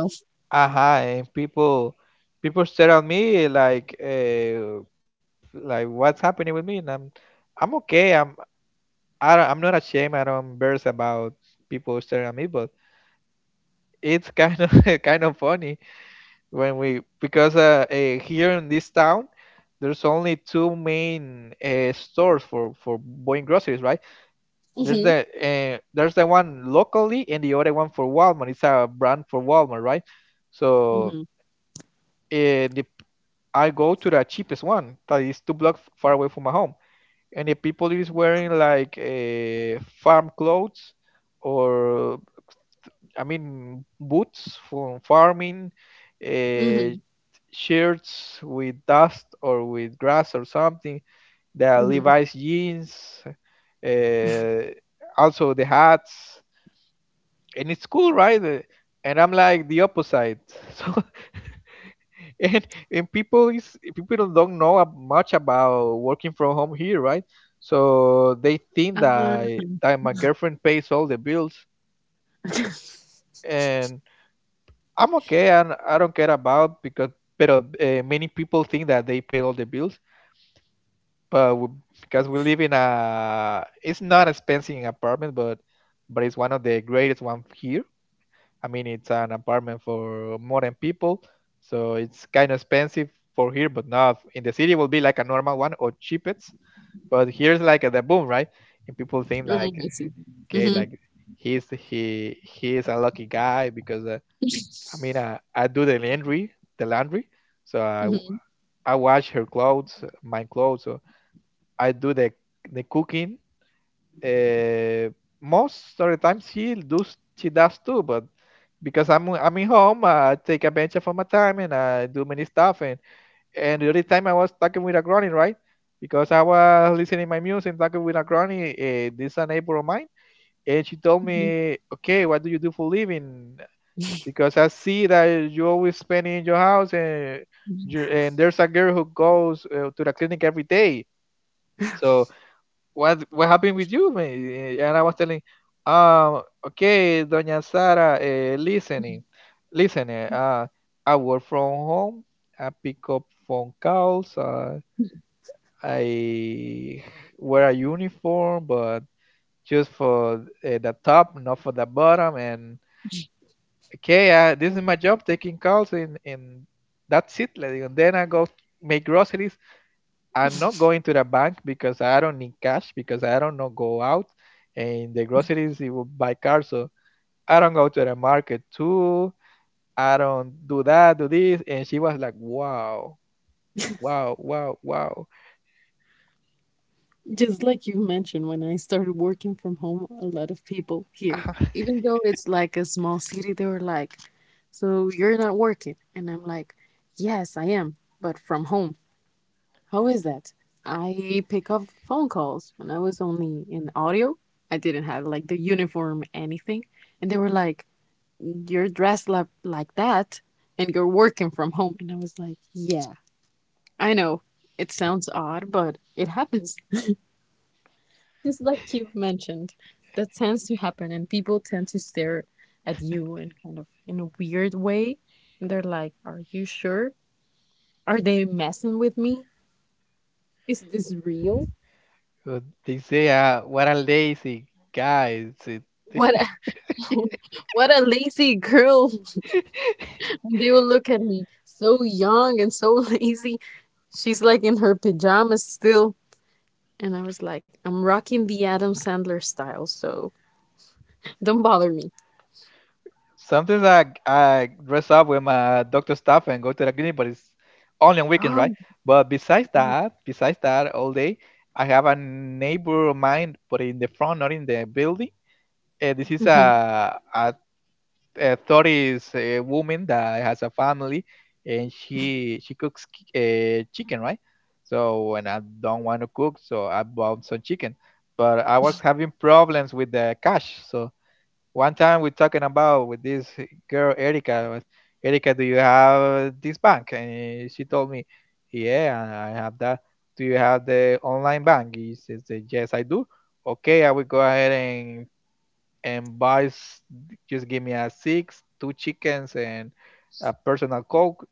A: aha, and people stare at me like what's happening with me, and I'm okay. I'm not ashamed. I don't embarrassed about people staring at me, but it's kind of kind of funny when we because here in this town there's only two main stores for buying groceries, right? There's
B: Hmm,
A: the uh, there's the one locally, and the other one for Walmart. It's a brand for Walmart, right? So
B: hmm,
A: uh, the, I go to the cheapest one that is 2 blocks far away from my home, and the people is wearing like farm clothes, or I mean, boots from farming, uh,
B: hmm,
A: shirts with dust or with grass or something, the
B: hmm.
A: Levi's jeans, uh, also the hats, and it's cool, right? And I'm like the opposite. So and and people don't know much about working from home here, right? So they think that
B: Uh,
A: I- that my girlfriend pays all the bills, and I'm okay, and I don't care about because, but many people think that they pay all the bills. But because we live in it's not expensive apartment, but it's one of the greatest one here. I mean, it's an apartment for more than people, so it's kind of expensive for here, but not in the city. It will be like a normal one or cheapest, but here's like the boom, right? And people think
B: oh,
A: like,
B: I see.
A: okay,
B: Hmm,
A: like he is a lucky guy because. I mean, I do the laundry, the laundry. So I
B: hmm,
A: I wash her clothes, my clothes. So I do the cooking. Uh, most of the time she does too, but because I'm in home, I take advantage of my time and I do many stuff. And the other time I was talking with a granny, right? Because I was listening my music, talking with a granny. This a neighbor of mine, and she told me, "Okay, what do you do for living?" Because I see that you always spend in your house, and
B: hmm.
A: there's a girl who goes to the clinic every day. So what happened with you, man? And I was telling, okay, Doña Sara, listening. I work from home. I pick up phone calls. I wear a uniform, but just for the top, not for the bottom, and okay, this is my job taking calls and that's it. Like, and then I go make groceries. I'm not going to the bank because I don't need cash because I don't know go out and the groceries you will buy car. So I don't go to the market too. I don't do that, do this. And she was like, wow, wow, wow, wow.
B: Just like you mentioned, when I started working from home, a lot of people here, even though it's like a small city, they were like, "So you're not working?" And I'm like, "Yes, I am, but from home. How is that?" I pick up phone calls when I was only in audio. I didn't have like the uniform, anything. And they were like, "You're dressed like that and you're working from home." And I was like, "Yeah, I know. It sounds odd, but it happens." It's like you've mentioned, that tends to happen, and people tend to stare at you and kind of in a weird way. And they're like, "Are you sure? Are they messing with me? Is this real?
A: So they say, what a lazy guy.
B: What a, what a lazy girl."
A: It-
B: And they will look at me so young and so lazy. She's like in her pajamas still. And I was like, "I'm rocking the Adam Sandler style, so don't bother me."
A: Sometimes I dress up with my doctor stuff and go to the clinic, but it's only on weekends, right?
B: Oh,
A: But besides that, all day, I have a neighbor of mine, but in the front, not in the building. This is a
B: hmm,
A: a, a 30s woman that has a family, and she cooks chicken, right? So when I don't want to cook, so I bought some chicken, but I was having problems with the cash, so. One time we're talking about with this girl Erica. Was, Erica, do you have this bank? And she told me, yeah, I have that. Do you have the online bank? He says, yes, I do. Okay, I will go ahead and buy. Just give me a six, two chickens, and a personal coke,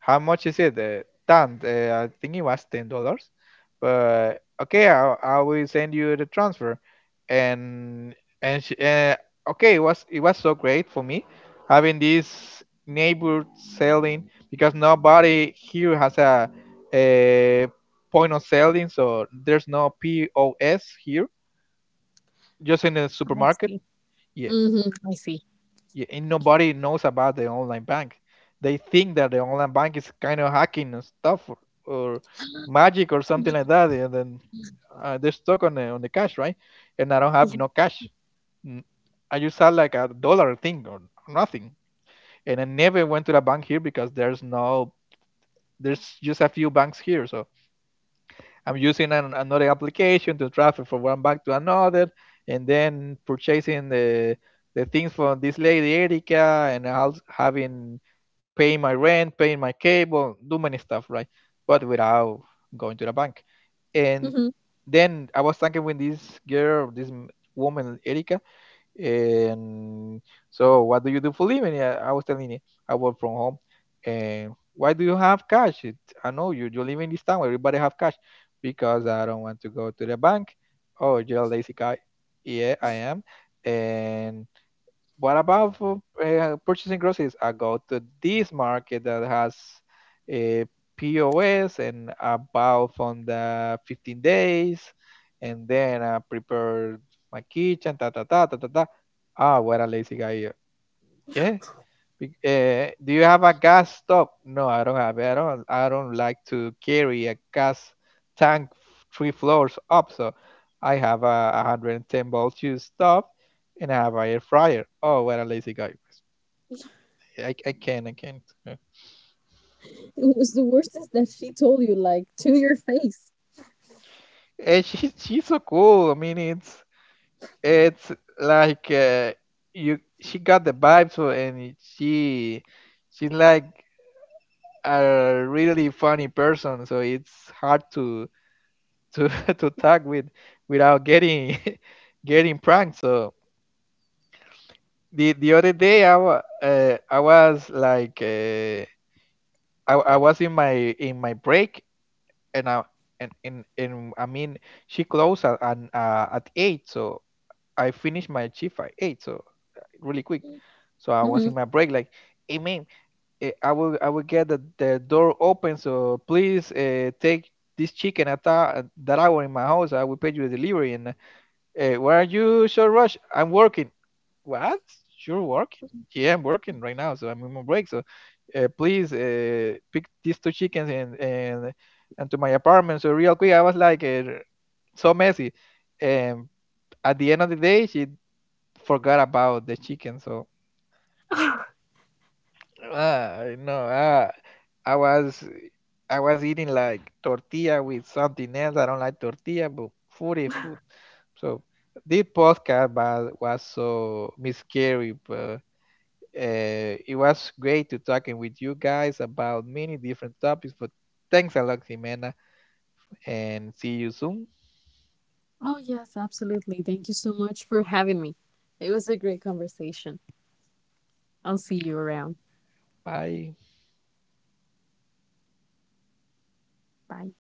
A: how much is it? Tan, I think it was $10. But okay, I will send you the transfer. And and she, okay, it was so great for me having this neighbor selling because nobody here has a point of selling, so there's no POS here, just in the
B: I
A: supermarket.
B: see.
A: Yeah,
B: Hmm, I see.
A: and nobody knows about the online bank. They think that the online bank is kind of hacking and stuff or magic or something like that, and then they're stuck on the cash, right? And I don't have
B: Yeah.
A: no cash. N- I just had like a dollar thing or nothing, and I never went to the bank here because there's no there's just a few banks here, so I'm using another application to transfer from one bank to another, and then purchasing the things from this lady Erica, and also having paying my rent, paying my cable, do many stuff, right? But without going to the bank. And
B: Mhm.
A: then I was talking with this girl, this woman Erica, and so, what do you do for living? Yeah, I was telling you, I work from home. And why do you have cash? It, I know you. You live in this town where everybody have cash because I don't want to go to the bank. Oh, you're a lazy guy. Yeah, I am. And what about for purchasing groceries? I go to this market that has a POS and about from the 15 days, and then I prepare my kitchen, ta ta ta ta ta ta. Ah, what a lazy guy! Yeah. Do you have a gas stove? No, I don't have it. I don't. I don't like to carry a gas tank three floors up. So I have a 110 volt use stove, and I have an air fryer. Oh, what a lazy guy! I can't. Yeah.
B: It was, the worst is that she told you, like, to your face.
A: And she's so cool. I mean, it's like you. She got the vibes, and she's like a really funny person. So it's hard to to talk with without getting getting pranked. So the other day I was like I was in my break and I and in I mean she closed at eight, so I finished my shift at eight, so really quick. So I was
B: Hmm.
A: in my break like, hey man, I will get the door open, so please take this chicken at that hour in my house. I will pay you the delivery. And why are you so rushed? I'm working. What? You're working? Yeah, I'm working right now, so I'm on break. So please pick these two chickens and to my apartment. So real quick, I was like so messy. And at the end of the day, she forgot about the chicken. So no. Ah, I was I was eating like tortilla with something else. I don't like tortilla, but food is food. So this podcast was so scary, but it was great to talking with you guys about many different topics. But thanks a lot, Jimena, and see you soon.
B: Oh, yes, absolutely. Thank you so much for having me. It was a great conversation. I'll see you around.
A: Bye.
B: Bye.